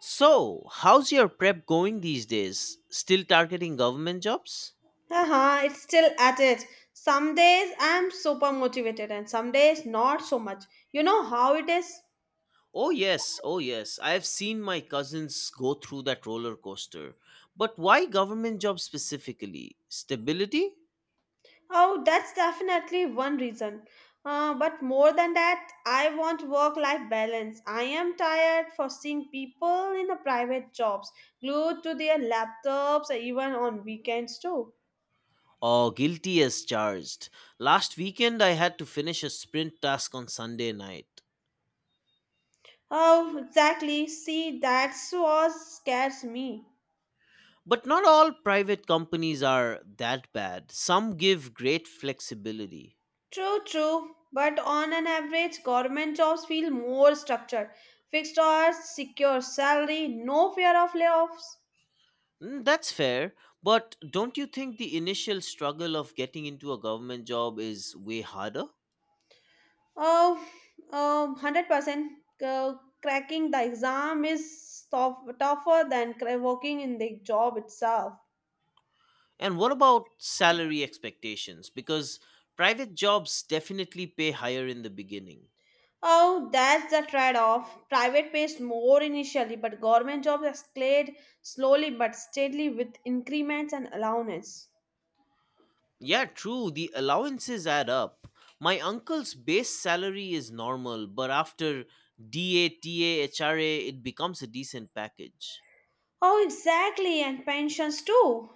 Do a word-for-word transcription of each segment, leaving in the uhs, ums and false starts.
So, how's your prep going these days? Still targeting government jobs? Uh huh. it's still at it. Some days I'm super motivated and some days not so much. You know how it is? Oh, yes, oh, yes. I have seen my cousins go through that roller coaster. But why government jobs specifically? Stability? Oh, that's definitely one reason. Uh, but more than that, I want work life balance. I am tired for seeing people in a private jobs glued to their laptops even on weekends too. Oh, guilty as charged. Last weekend, I had to finish a sprint task on Sunday night. Oh, exactly. See, that's what scares me. But not all private companies are that bad. Some give great flexibility. True, true. But on an average, government jobs feel more structured. Fixed hours, secure salary, no fear of layoffs. Mm, That's fair, but don't you think the initial struggle of getting into a government job is way harder? Oh, um, one hundred percent. Uh, cracking the exam is tough, tougher than cra- working in the job itself. And what about salary expectations? Because private jobs definitely pay higher in the beginning. Oh, that's the trade off. Private pays more initially, but government jobs escalate slowly but steadily with increments and allowance. Yeah, true, the allowances add up. My uncle's base salary is normal, but after D A T A H R A, it becomes a decent package. Oh, exactly, and pensions too.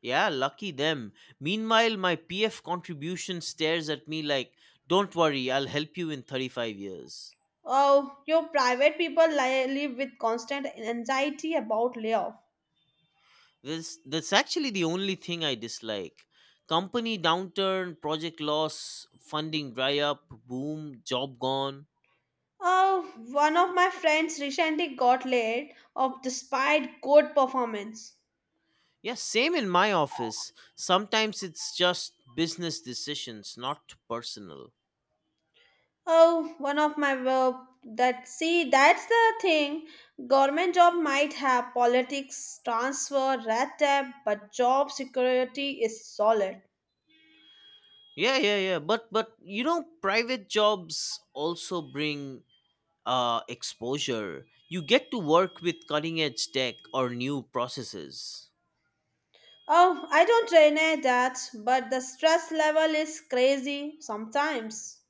Yeah, lucky them. Meanwhile, my P F contribution stares at me like, don't worry, I'll help you in thirty-five years. Oh, your private people li- live with constant anxiety about layoff. This, that's actually the only thing I dislike. Company downturn, project loss, funding dry up, boom, job gone. Oh, one of my friends recently got laid off despite good performance. Yeah, same in my office. Sometimes it's just business decisions, not personal. Oh, one of my work that see that's the thing. Government job might have politics, transfer, red tape, but job security is solid. Yeah, yeah, yeah. But but you know, private jobs also bring uh, exposure. You get to work with cutting edge tech or new processes. Oh, I don't deny that, but the stress level is crazy sometimes.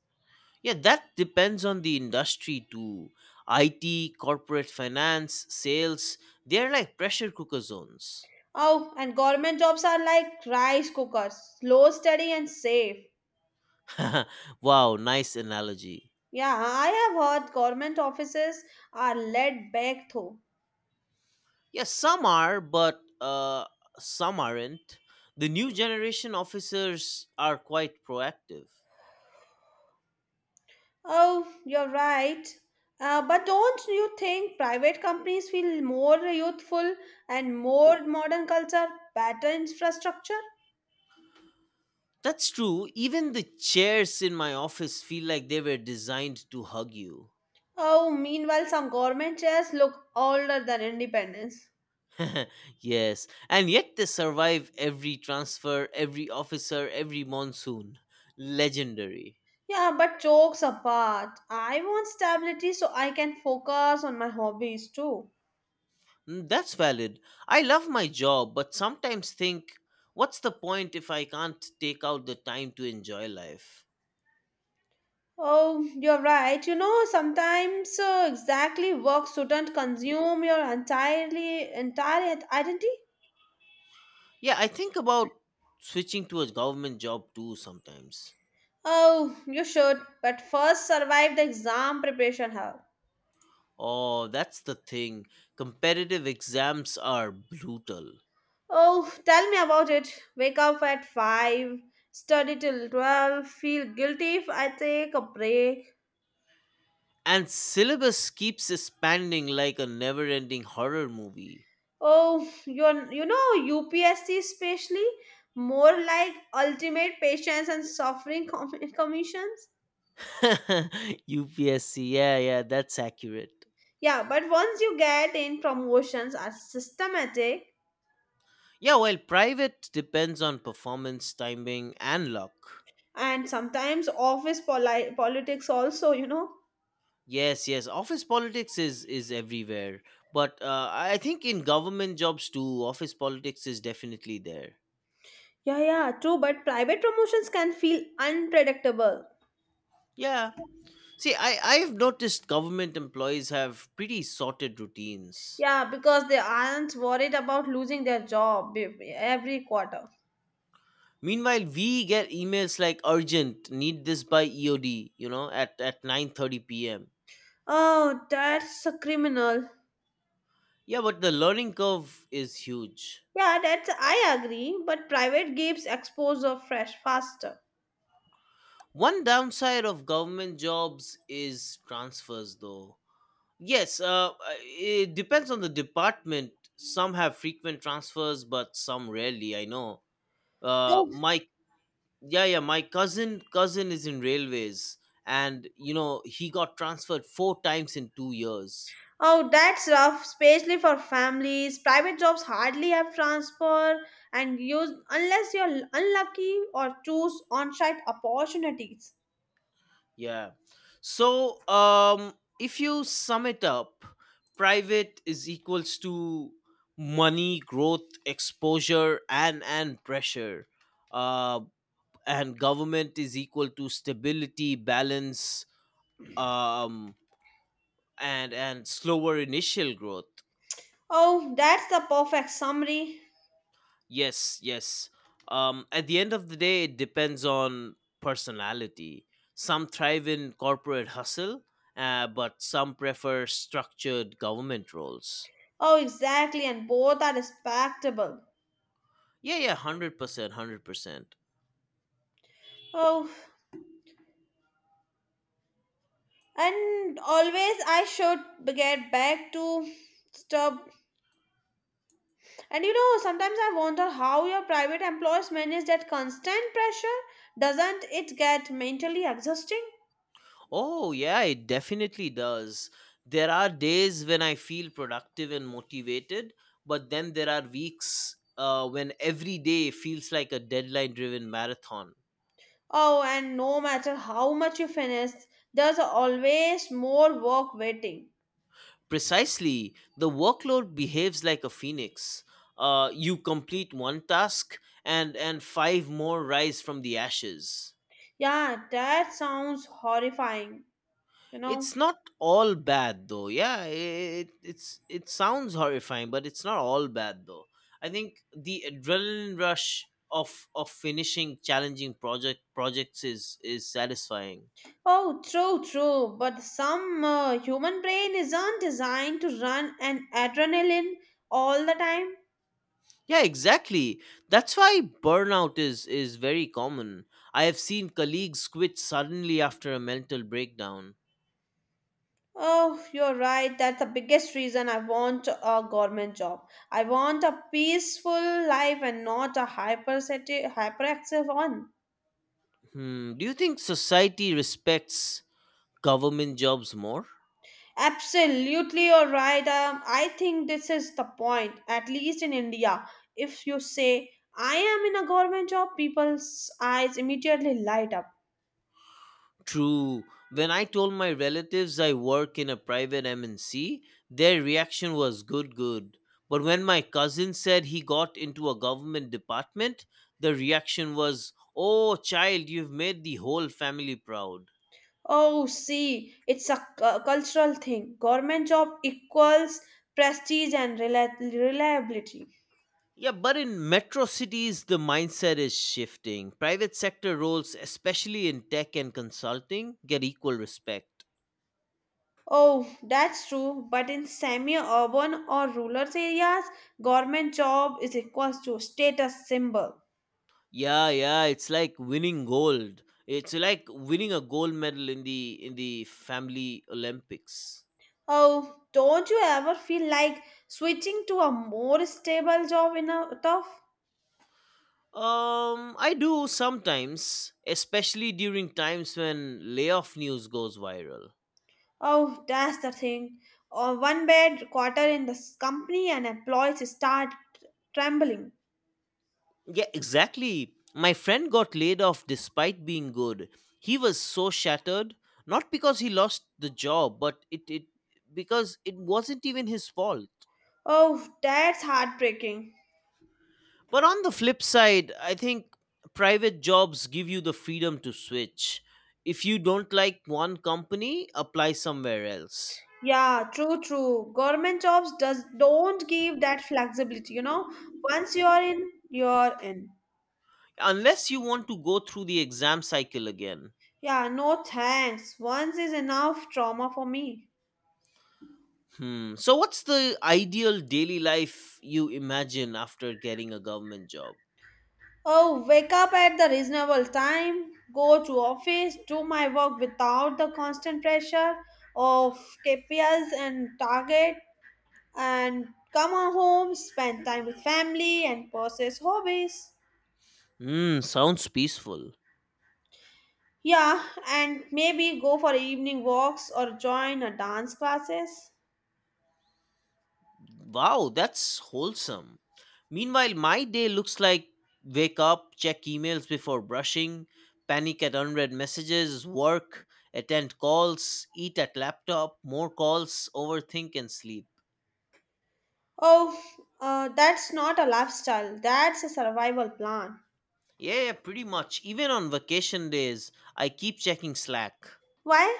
Yeah, that depends on the industry too. I T, corporate finance, sales, they're like pressure cooker zones. Oh, and government jobs are like rice cookers, slow, steady, and safe. Wow, nice analogy. Yeah, I have heard government offices are laid back though. Yeah, some are, but uh, some aren't. The new generation officers are quite proactive. Oh, you're right. Uh, but don't you think private companies feel more youthful and more modern culture, better infrastructure? That's true. Even the chairs in my office feel like they were designed to hug you. Oh, meanwhile, some government chairs look older than independence. Yes, and yet they survive every transfer, every officer, every monsoon. Legendary. Yeah, but jokes apart, I want stability so I can focus on my hobbies too. Mm, That's valid. I love my job, but sometimes think, what's the point if I can't take out the time to enjoy life? Oh, you're right. You know, sometimes uh, exactly work shouldn't consume your entirely entire identity. Yeah, I think about switching to a government job too sometimes. Oh, you should, but first survive the exam preparation hell. Oh, that's the thing. Competitive exams are brutal. Oh, tell me about it. Wake up at five, study till twelve, feel guilty if I take a break. And syllabus keeps expanding like a never ending horror movie. Oh, you're, you know, U P S C especially, more like ultimate patience and suffering com- commissions. U P S C, yeah, yeah, that's accurate. Yeah, but once you get in, promotions are systematic Yeah, well, private depends on performance, timing, and luck. and sometimes office poli- politics also, you know. Yes, yes, office politics is is everywhere, but uh, I think in government jobs too, office politics is definitely there. Yeah, yeah, true, but private promotions can feel unpredictable. Yeah, see, I I've noticed government employees have pretty sorted routines. Yeah, because they aren't worried about losing their job be- every quarter. Meanwhile, we get emails like urgent, need this by E O D, you know, at at nine thirty p m. Oh, that's a criminal. Yeah, but the learning curve is huge. Yeah, that's I agree, but private gives exposure fresh faster. One downside of government jobs is transfers, though. Yes, uh, uh, it depends on the department. Some have frequent transfers, but some rarely. I know. Uh, my yeah, yeah, my cousin cousin is in railways, and you know he got transferred four times in two years. Oh, that's rough, especially for families. Private jobs hardly have transfer and use unless you're unlucky or choose on site opportunities. Yeah. So, um, if you sum it up, private is equals to money, growth, exposure, and and pressure. Uh, and government is equal to stability, balance, um, and and slower initial growth. Oh, that's the perfect summary. Yes, yes. Um, at the end of the day, it depends on personality. Some thrive in corporate hustle, uh, but some prefer structured government roles. Oh, exactly, and both are respectable. Yeah, yeah, one hundred percent, one hundred percent. Oh, and always I should get back to stuff. And you know, sometimes I wonder how your private employers manage that constant pressure. Doesn't it get mentally exhausting? Oh, yeah, it definitely does. There are days when I feel productive and motivated, but then there are weeks uh, when every day feels like a deadline driven marathon. Oh, and no matter how much you finish, there's always more work waiting. Precisely, the workload behaves like a phoenix. Uh, you complete one task, and and five more rise from the ashes. Yeah, that sounds horrifying, you know. It's not all bad though. Yeah, it it's it sounds horrifying, but it's not all bad though. I think the adrenaline rush of of finishing challenging project projects is is satisfying. Oh, true, true. But some uh, human brain isn't designed to run an adrenaline all the time. Yeah, exactly. That's why burnout is is very common. I have seen colleagues quit suddenly after a mental breakdown. Oh, you're right. That's the biggest reason I want a government job. I want a peaceful life and not a hyper hyperactive one. Hmm, do you think society respects government jobs more? Absolutely, you're right. Um, I think this is the point, at least in India. If you say, I am in a government job, people's eyes immediately light up. True. When I told my relatives I work in a private M N C, their reaction was good good. But when my cousin said he got into a government department, the reaction was, "Oh, child, you've made the whole family proud." Oh, see, it's a cu- cultural thing. Government job equals prestige and rela- reliability. Yeah, but in metro cities, the mindset is shifting. Private sector roles, especially in tech and consulting, get equal respect. Oh, that's true. But in semi-urban or rural areas, government job is equals to status symbol. Yeah, yeah, it's like winning gold. It's like winning a gold medal in the in the family Olympics. Oh, don't you ever feel like switching to a more stable job in a tough? Um, I do sometimes, especially during times when layoff news goes viral. Oh, that's the thing. Oh, one bad quarter in this company and employees start trembling. Yeah, exactly. My friend got laid off despite being good. He was so shattered, not because he lost the job, but it, it because it wasn't even his fault. Oh, that's heartbreaking. But on the flip side, I think private jobs give you the freedom to switch. If you don't like one company, apply somewhere else. Yeah, true, true. Government jobs does don't give that flexibility, you know. Once you're in, you're in. Unless you want to go through the exam cycle again. Yeah, no thanks. Once is enough trauma for me. Hmm. So what's the ideal daily life you imagine after getting a government job? Oh, wake up at the reasonable time, go to office, do my work without the constant pressure of K P Is and target, and come on home, spend time with family and pursue hobbies. Mm, sounds peaceful. Yeah, and maybe go for evening walks or join a dance classes. Wow, that's wholesome. Meanwhile, my day looks like wake up, check emails before brushing, panic at unread messages, work, attend calls, eat at laptop, more calls, overthink and sleep. Oh, uh, that's not a lifestyle. That's a survival plan. Yeah, yeah, pretty much. Even on vacation days, I keep checking Slack Why?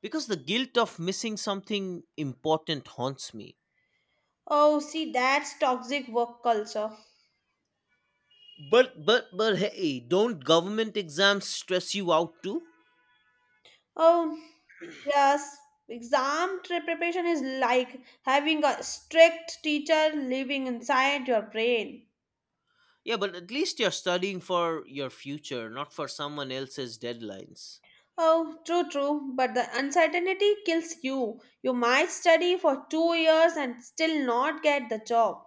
because the guilt of missing something important haunts me. Oh, see, that's toxic work culture. But but but hey, don't government exams stress you out too? Oh, yes. Exam tra- preparation is like having a strict teacher living inside your brain. Yeah, but at least you're studying for your future, not for someone else's deadlines. Oh, true, true. But the uncertainty kills you. You might study for two years and still not get the job.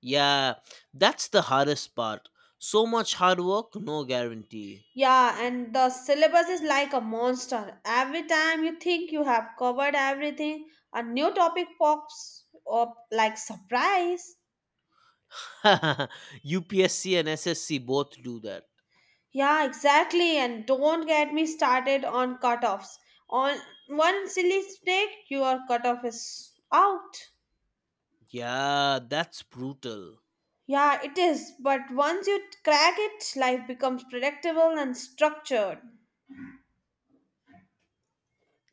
Yeah, that's the hardest part. So much hard work, no guarantee. Yeah, and the syllabus is like a monster. Every time you think you have covered everything, a new topic pops up like surprise. U P S C and S S C both do that. Yeah, exactly. And don't get me started on cutoffs. On one silly snake, your cutoff is out. Yeah, that's brutal. Yeah, it is. But once you crack it, life becomes predictable and structured.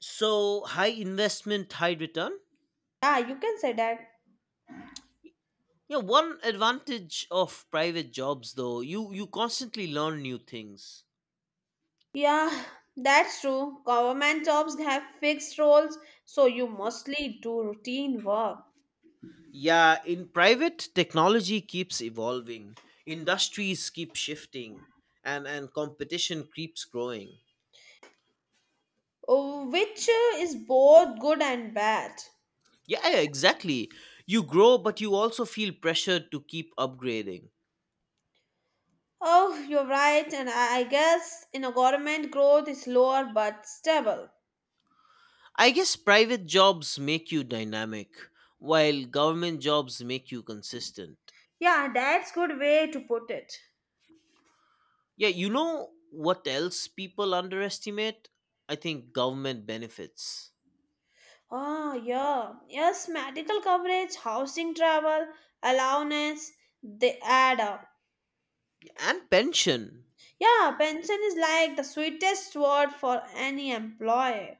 So, high investment, high return? Yeah, you can say that. Yeah, one advantage of private jobs though, you you constantly learn new things. Yeah, that's true. Government jobs have fixed roles, so you mostly do routine work, Yeah, in private, technology keeps evolving, industries keep shifting, and, and competition keeps growing. uh, which uh, is both good and bad. Yeah, yeah, exactly. You grow, but you also feel pressured to keep upgrading. Oh, you're right, and I I guess in a government growth is lower but stable. I guess private jobs make you dynamic, while government jobs make you consistent. Yeah, that's good way to put it. Yeah, you know what else people underestimate? I think government benefits Oh, yeah. Yes, medical coverage, housing, travel, allowance, they add up. and pension. Yeah, pension is like the sweetest word for any employee.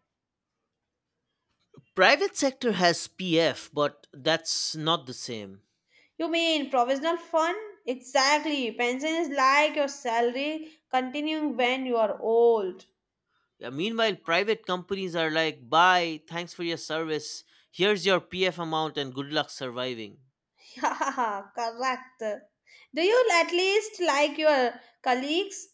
Private sector has P F, but that's not the same. You mean provisional fund? Exactly. Pension is like your salary continuing when you are old. Yeah, meanwhile, private companies are like, bye, thanks for your service. Here's your P F amount and good luck surviving. Correct. Do you at least like your colleagues?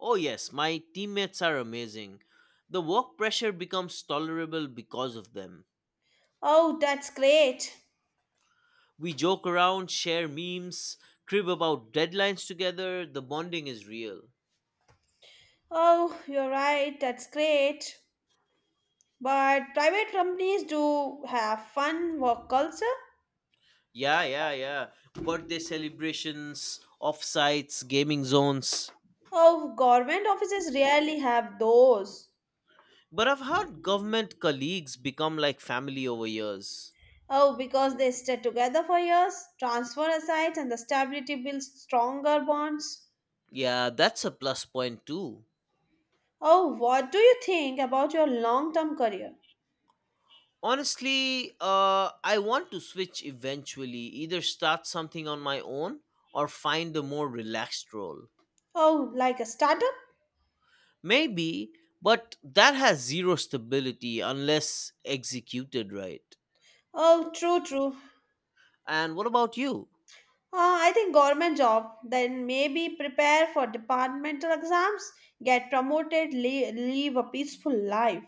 Oh, yes, my teammates are amazing. The work pressure becomes tolerable because of them. Oh, that's great. We joke around, share memes, crib about deadlines together. The bonding is real. Oh, you're right. That's great. But private companies do have fun work culture. Yeah, yeah, yeah. Birthday celebrations, offsites, gaming zones. Oh, government offices rarely have those. But I've heard government colleagues become like family over years. Oh, because they stay together for years, transfer aside, and the stability builds stronger bonds. Yeah, that's a plus point too. Oh, what do you think about your long term career? Honestly, uh, I want to switch eventually, either start something on my own or find a more relaxed role. Oh, like a startup? Maybe, but that has zero stability unless executed right. Oh, true, true. And what about you? Uh, I think government job, then maybe prepare for departmental exams, get promoted, leave, live a peaceful life.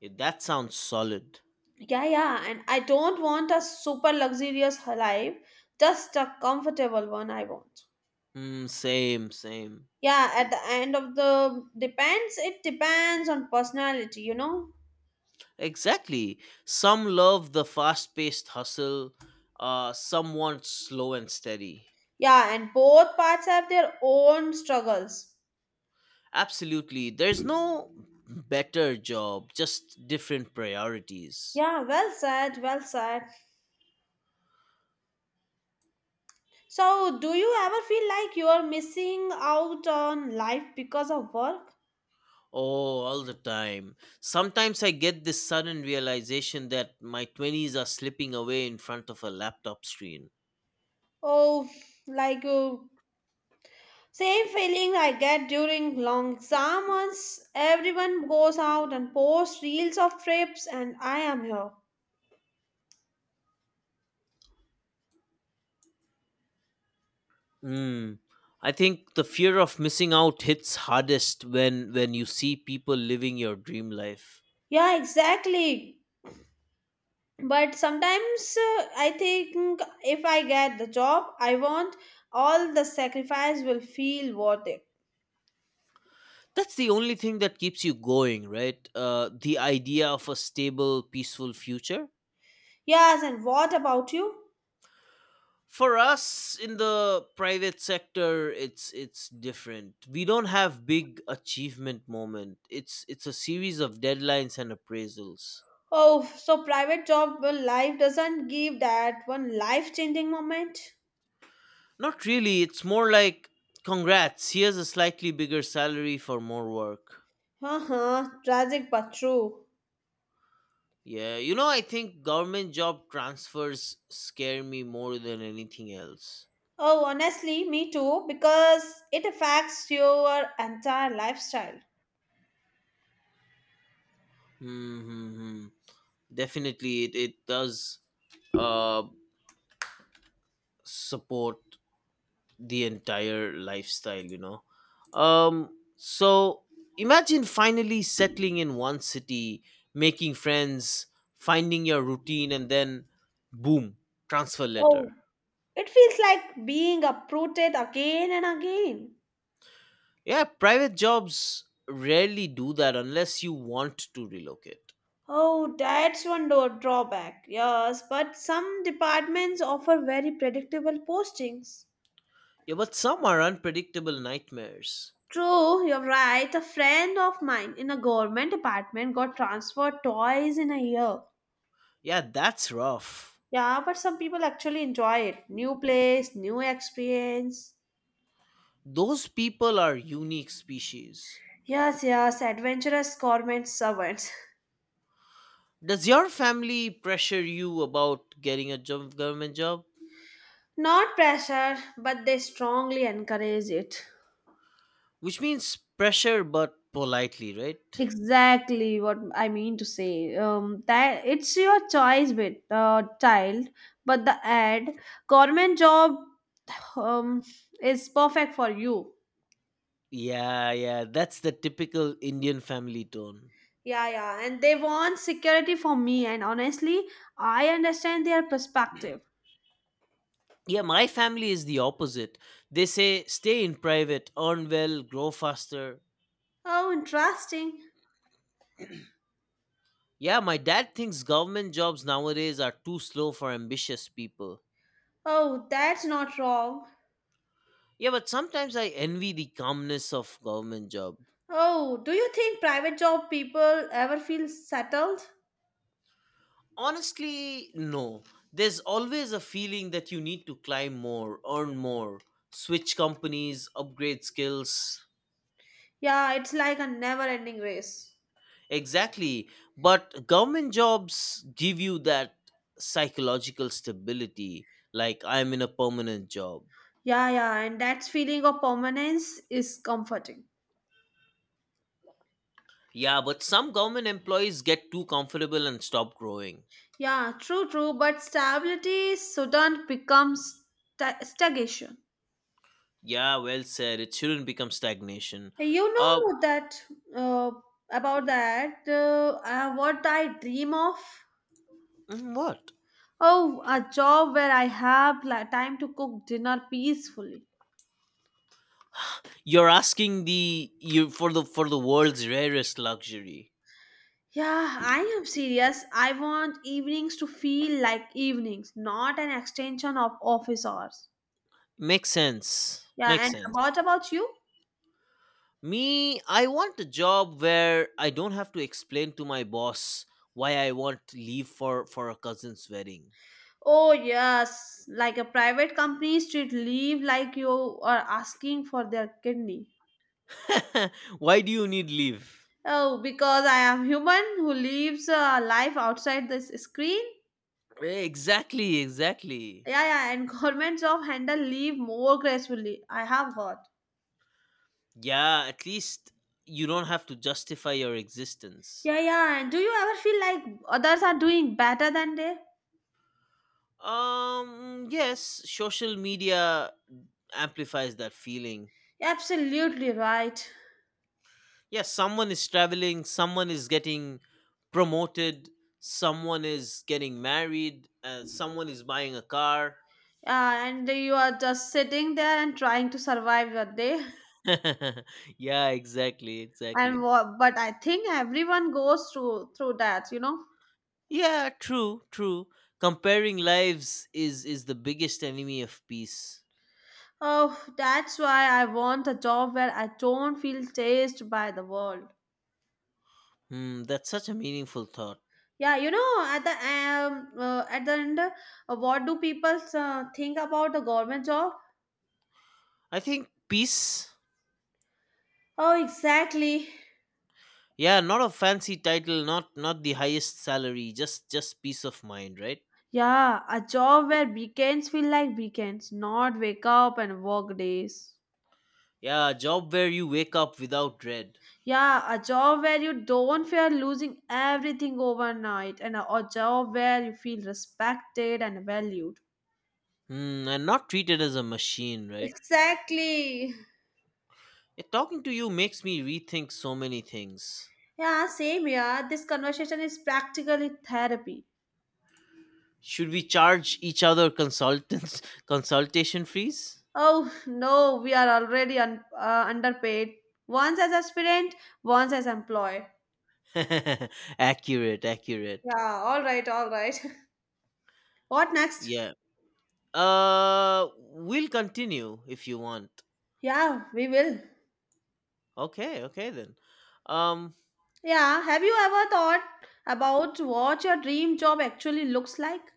Yeah, that sounds solid. Yeah, yeah, and I don't want a super luxurious life, just a comfortable one I want. Mm, same, same. Yeah, at the end of the depends, it depends on personality, you know. Exactly. Some love the fast paced hustle, uh, some want slow and steady. Yeah, and both parts have their own struggles. Absolutely. There's no better job, just different priorities. Yeah, well said, well said. So, do you ever feel like you are missing out on life because of work? Oh, all the time. Sometimes I get this sudden realization that my twenties are slipping away in front of a laptop screen. Oh, like uh, same feeling I get during long exam months. Everyone goes out and posts reels of trips, and I am here. Mm. I think the fear of missing out hits hardest when when you see people living your dream life. Yeah, exactly. But sometimes uh, I think if I get the job I want, all the sacrifice will feel worth it. That's the only thing that keeps you going, right? Uh, the idea of a stable peaceful future Yes, and what about you? for us in the private sector, it's it's different. We don't have big achievement moment. It's it's a series of deadlines and appraisals. Oh, so private job well, life doesn't give that one life changing moment? Not really, it's more like, congrats, here's a slightly bigger salary for more work. Uh-huh, tragic but true. Yeah, you know, I think government job transfers scare me more than anything else. Oh, honestly, me too, because it affects your entire lifestyle. Hmm, hmm, hmm. Definitely it, it does uh support the entire lifestyle, you know. Um so imagine finally settling in one city, making friends, finding your routine, and then boom, transfer Oh, letter. it feels like being uprooted again and again. Yeah, private jobs rarely do that unless you want to relocate. Oh, that's one door drawback, yes, but some departments offer very predictable postings. Yeah, but some are unpredictable nightmares. True, you're right. A friend of mine in a government apartment got transferred twice in a year. Yeah, that's rough. Yeah, but some people actually enjoy it. New place, new experience. Those people are unique species. Yes, yes, adventurous government servants. Does your family pressure you about getting a job, government job? Not pressure, but they strongly encourage it. Which means pressure, but politely, right? Exactly what I mean to say. Um, that it's your choice with uh, child, but the ad government job um, is perfect for you. Yeah, yeah, that's the typical Indian family tone. Yeah, yeah. And they want security for me. And honestly, I understand their perspective. Yeah, my family is the opposite. They say stay in private, earn well, grow faster. Oh, interesting. Yeah, my dad thinks government jobs nowadays are too slow for ambitious people. Oh, that's not wrong. Yeah, but sometimes I envy the calmness of government job. Oh, do you think private job people ever feel settled? Honestly, no. There's always a feeling that you need to climb more, earn more, switch companies, upgrade skills. Yeah, it's like a never ending race. Exactly. But government jobs give you that psychological stability, like I'm in a permanent job. Yeah, yeah. And that feeling of permanence is comforting. Yeah, but some government employees get too comfortable and stop growing. Yeah, true, true. But stability shouldn't become sta- stagnation. Yeah, well said. It shouldn't become stagnation. You Uh, know that uh, about that, uh, uh, what I dream of? mm, what? Oh, a job where I have li- time to cook dinner peacefully. You're asking the you for the for the world's rarest luxury. Yeah, I am serious. I want evenings to feel like evenings, not an extension of office hours. Makes sense. Yeah, Makes and sense. about about you? Me, I want a job where I don't have to explain to my boss why I want leave for for a cousin's wedding. Oh yes, like a private companies should leave like you are asking for their kidney. Why do you need leave? Oh, because I am human who lives a life outside this screen. Exactly, exactly. Yeah, yeah, and governments of handle leave more gracefully. I have heard. Yeah, at least you don't have to justify your existence. Yeah, yeah, and do you ever feel like others are doing better than they? Um, yes, social media amplifies that feeling. Absolutely right. Yes, someone is traveling, someone is getting promoted, someone is getting married, uh, someone is buying a car. Yeah, and you are just sitting there and trying to survive your day. Yeah, exactly, And exactly. wha- but I think everyone goes through through that, you know. Yeah, true, true. Comparing lives is is the biggest enemy of peace. Oh, that's why I want a job where I don't feel chased by the world. Hmm, that's such a meaningful thought. Yeah, you know, at the um, uh, at the end, uh, what do people uh, think about the government job? I think peace. Oh, exactly. Yeah, not a fancy title, not not the highest salary, just just peace of mind, right? Yeah, a job where weekends feel like weekends, not wake up and work days. Yeah, a job where you wake up without dread. Yeah, a job where you don't fear losing everything overnight, and a, a job where you feel respected and valued. Hmm, and not treated as a machine, right? Exactly. Yeah, talking to you makes me rethink so many things. Yeah, same here. This conversation is practically therapy. Should we charge each other consultants consultation fees? Oh no, we are already un- uh, underpaid. Once as aspirant, once as employed. Accurate, accurate. Yeah, all right, all right. what next? Yeah. Uh, we'll continue if you want. Yeah, we will. Okay, okay then. Um, Yeah, have you ever thought about what your dream job actually looks like?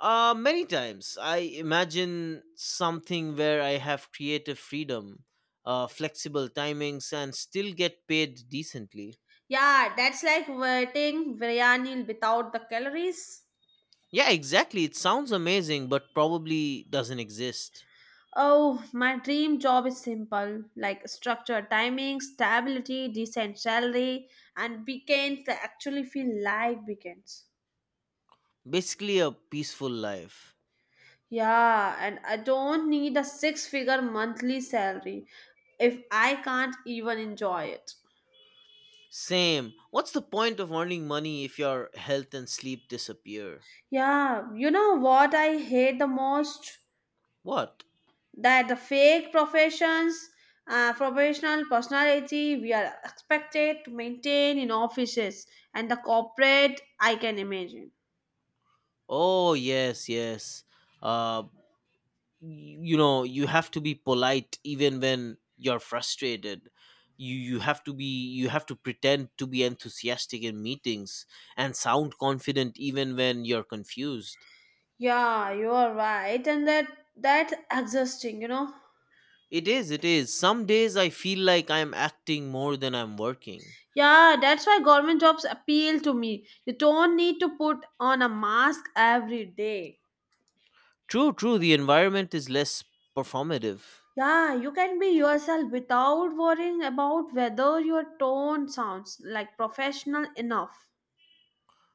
uh, Many times I imagine something where I have creative freedom, uh, flexible timings, and still get paid decently. Yeah, that's like waiting biryani without the calories. Yeah, exactly. It sounds amazing, but probably doesn't exist. Oh, my dream job is simple like structure, timing, stability, decent salary, and weekends that actually feel like weekends. Basically, a peaceful life. Yeah, and I don't need a six figure monthly salary if I can't even enjoy it. Same. What's the point of earning money if your health and sleep disappear? Yeah, you know what I hate the most? What? That the fake professions, uh, professional personality we are expected to maintain in offices and the corporate, I can imagine. Oh, yes, yes. Uh, y- you know, you have to be polite even when you're frustrated. You, you have to be you have to pretend to be enthusiastic in meetings and sound confident even when you're confused. Yeah, you are right, and that that's exhausting, you know. It is, it is. Some days I feel like I'm acting more than I'm working. Yeah, that's why government jobs appeal to me. You don't need to put on a mask every day. True, true, the environment is less performative. Yeah, you can be yourself without worrying about whether your tone sounds like professional enough.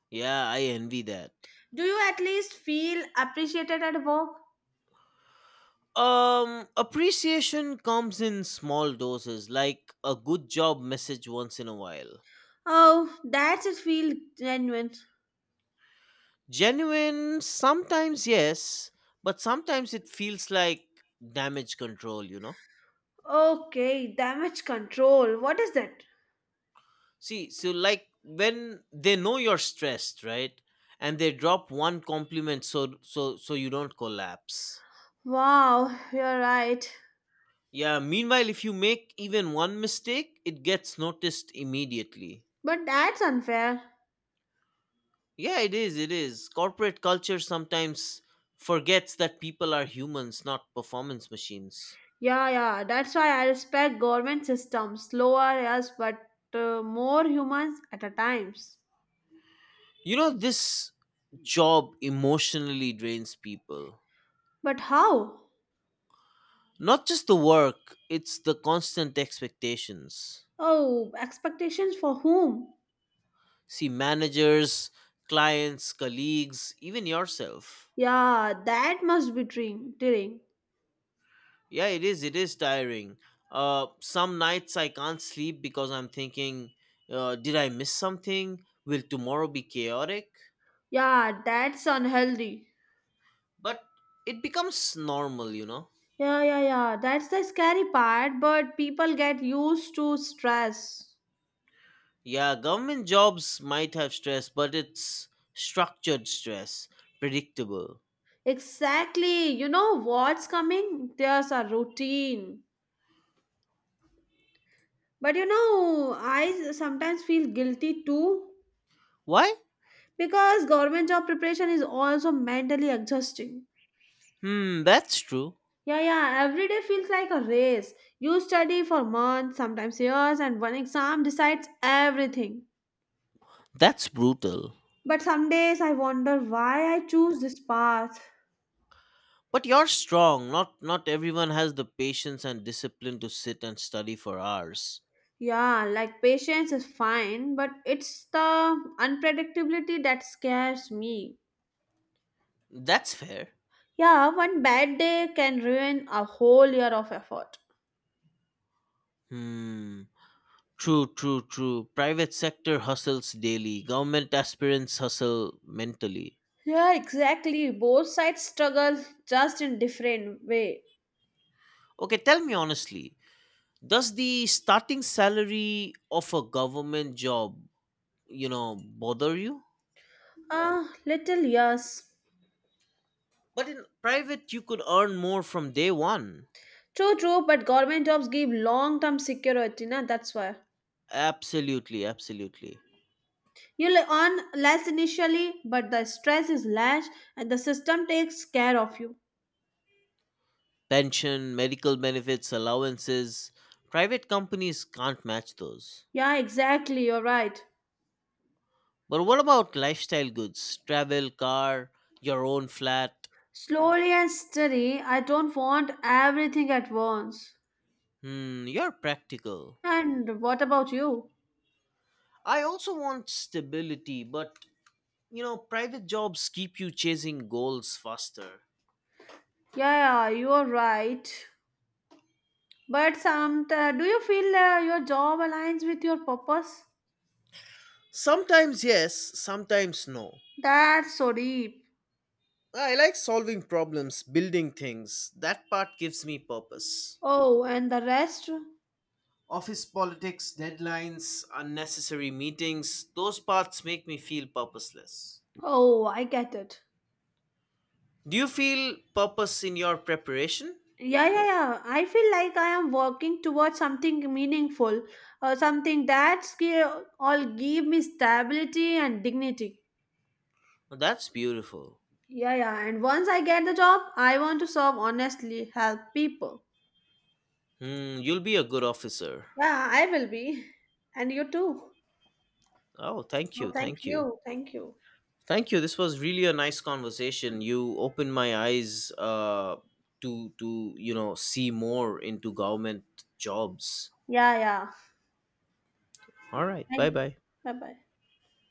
Yeah, I envy that. Do you at least feel appreciated at work? Um, appreciation comes in small doses, like a good job message once in a while. Oh, that's it feel genuine. Genuine, sometimes yes, but sometimes it feels like damage control, you know? Okay, damage control. What is that? See, so like when they know you're stressed, right? And they drop one compliment so so so you don't collapse. Wow, you're right. Yeah, meanwhile if you make even one mistake, it gets noticed immediately. But that's unfair. Yeah, it is, it is. Corporate culture sometimes forgets that people are humans, not performance machines. Yeah, yeah. That's why I respect government systems. Slower, yes, but uh, more humans at a times. You know this job emotionally drains people. But how? Not just the work, it's the constant expectations. Oh, expectations for whom? See managers, clients, colleagues, even yourself. Yeah, that must be dream, tearing. Yeah, it is. It is tiring. Uh, some nights I can't sleep because I'm thinking, uh, did I miss something? Will tomorrow be chaotic? Yeah, that's unhealthy. But it becomes normal, you know. Yeah, yeah, yeah. That's the scary part, but people get used to stress. Yeah, government jobs might have stress, but it's structured stress, predictable. Exactly. You know what's coming? There's a routine. But you know, I sometimes feel guilty too Why? because government job preparation is also mentally exhausting. Hmm, that's true. Yeah yeah every day feels like a race. You study for months sometimes years and one exam decides everything. That's brutal. But some days I wonder why I choose this path. But you're strong. Not not everyone has the patience and discipline to sit and study for hours. Yeah, like patience is fine but it's the unpredictability that scares me. That's fair. Yeah, one bad day can ruin a whole year of effort. Hmm. True, true, true. Private sector hustles daily. Government aspirants hustle mentally. Yeah, exactly both sides struggle just in different way. Okay, tell me honestly, does the starting salary of a government job, you know, bother you? Ah, little yes. But in private you could earn more from day one. True, true, but government jobs give long-term security, na? That's why. Absolutely, absolutely. You'll earn less initially, but the stress is less and the system takes care of you. Pension, medical benefits, allowances. Private companies can't match those. Yeah, exactly, you're right. But what about lifestyle goods? Travel, car, your own flat? Slowly and steady, I don't want everything at once. Hmm, you're practical. And what about you? I also want stability, but you know, private jobs keep you chasing goals faster. Yeah, yeah, you're right. But some, uh, do you feel uh, your job aligns with your purpose? Sometimes yes, sometimes no. That's so deep. I like solving problems, building things. That part gives me purpose. Oh, and the rest? Office politics, deadlines, unnecessary meetings, those parts make me feel purposeless. Oh, I get it. Do you feel purpose in your preparation? Yeah, yeah, yeah. I feel like I am working towards something meaningful, uh, something that's gi- all give me stability and dignity. Oh, that's beautiful. Yeah, yeah. And once I get the job, I want to serve honestly, help people. Hmm, you'll be a good officer. Yeah, I will be. And you too. Oh, thank Oh, you, thank thank you. you. Thank you. Thank you. This was really a nice conversation. You opened my eyes uh, to to you know see more into government jobs. Yeah, yeah. All right. Bye Thank you. bye. Bye bye.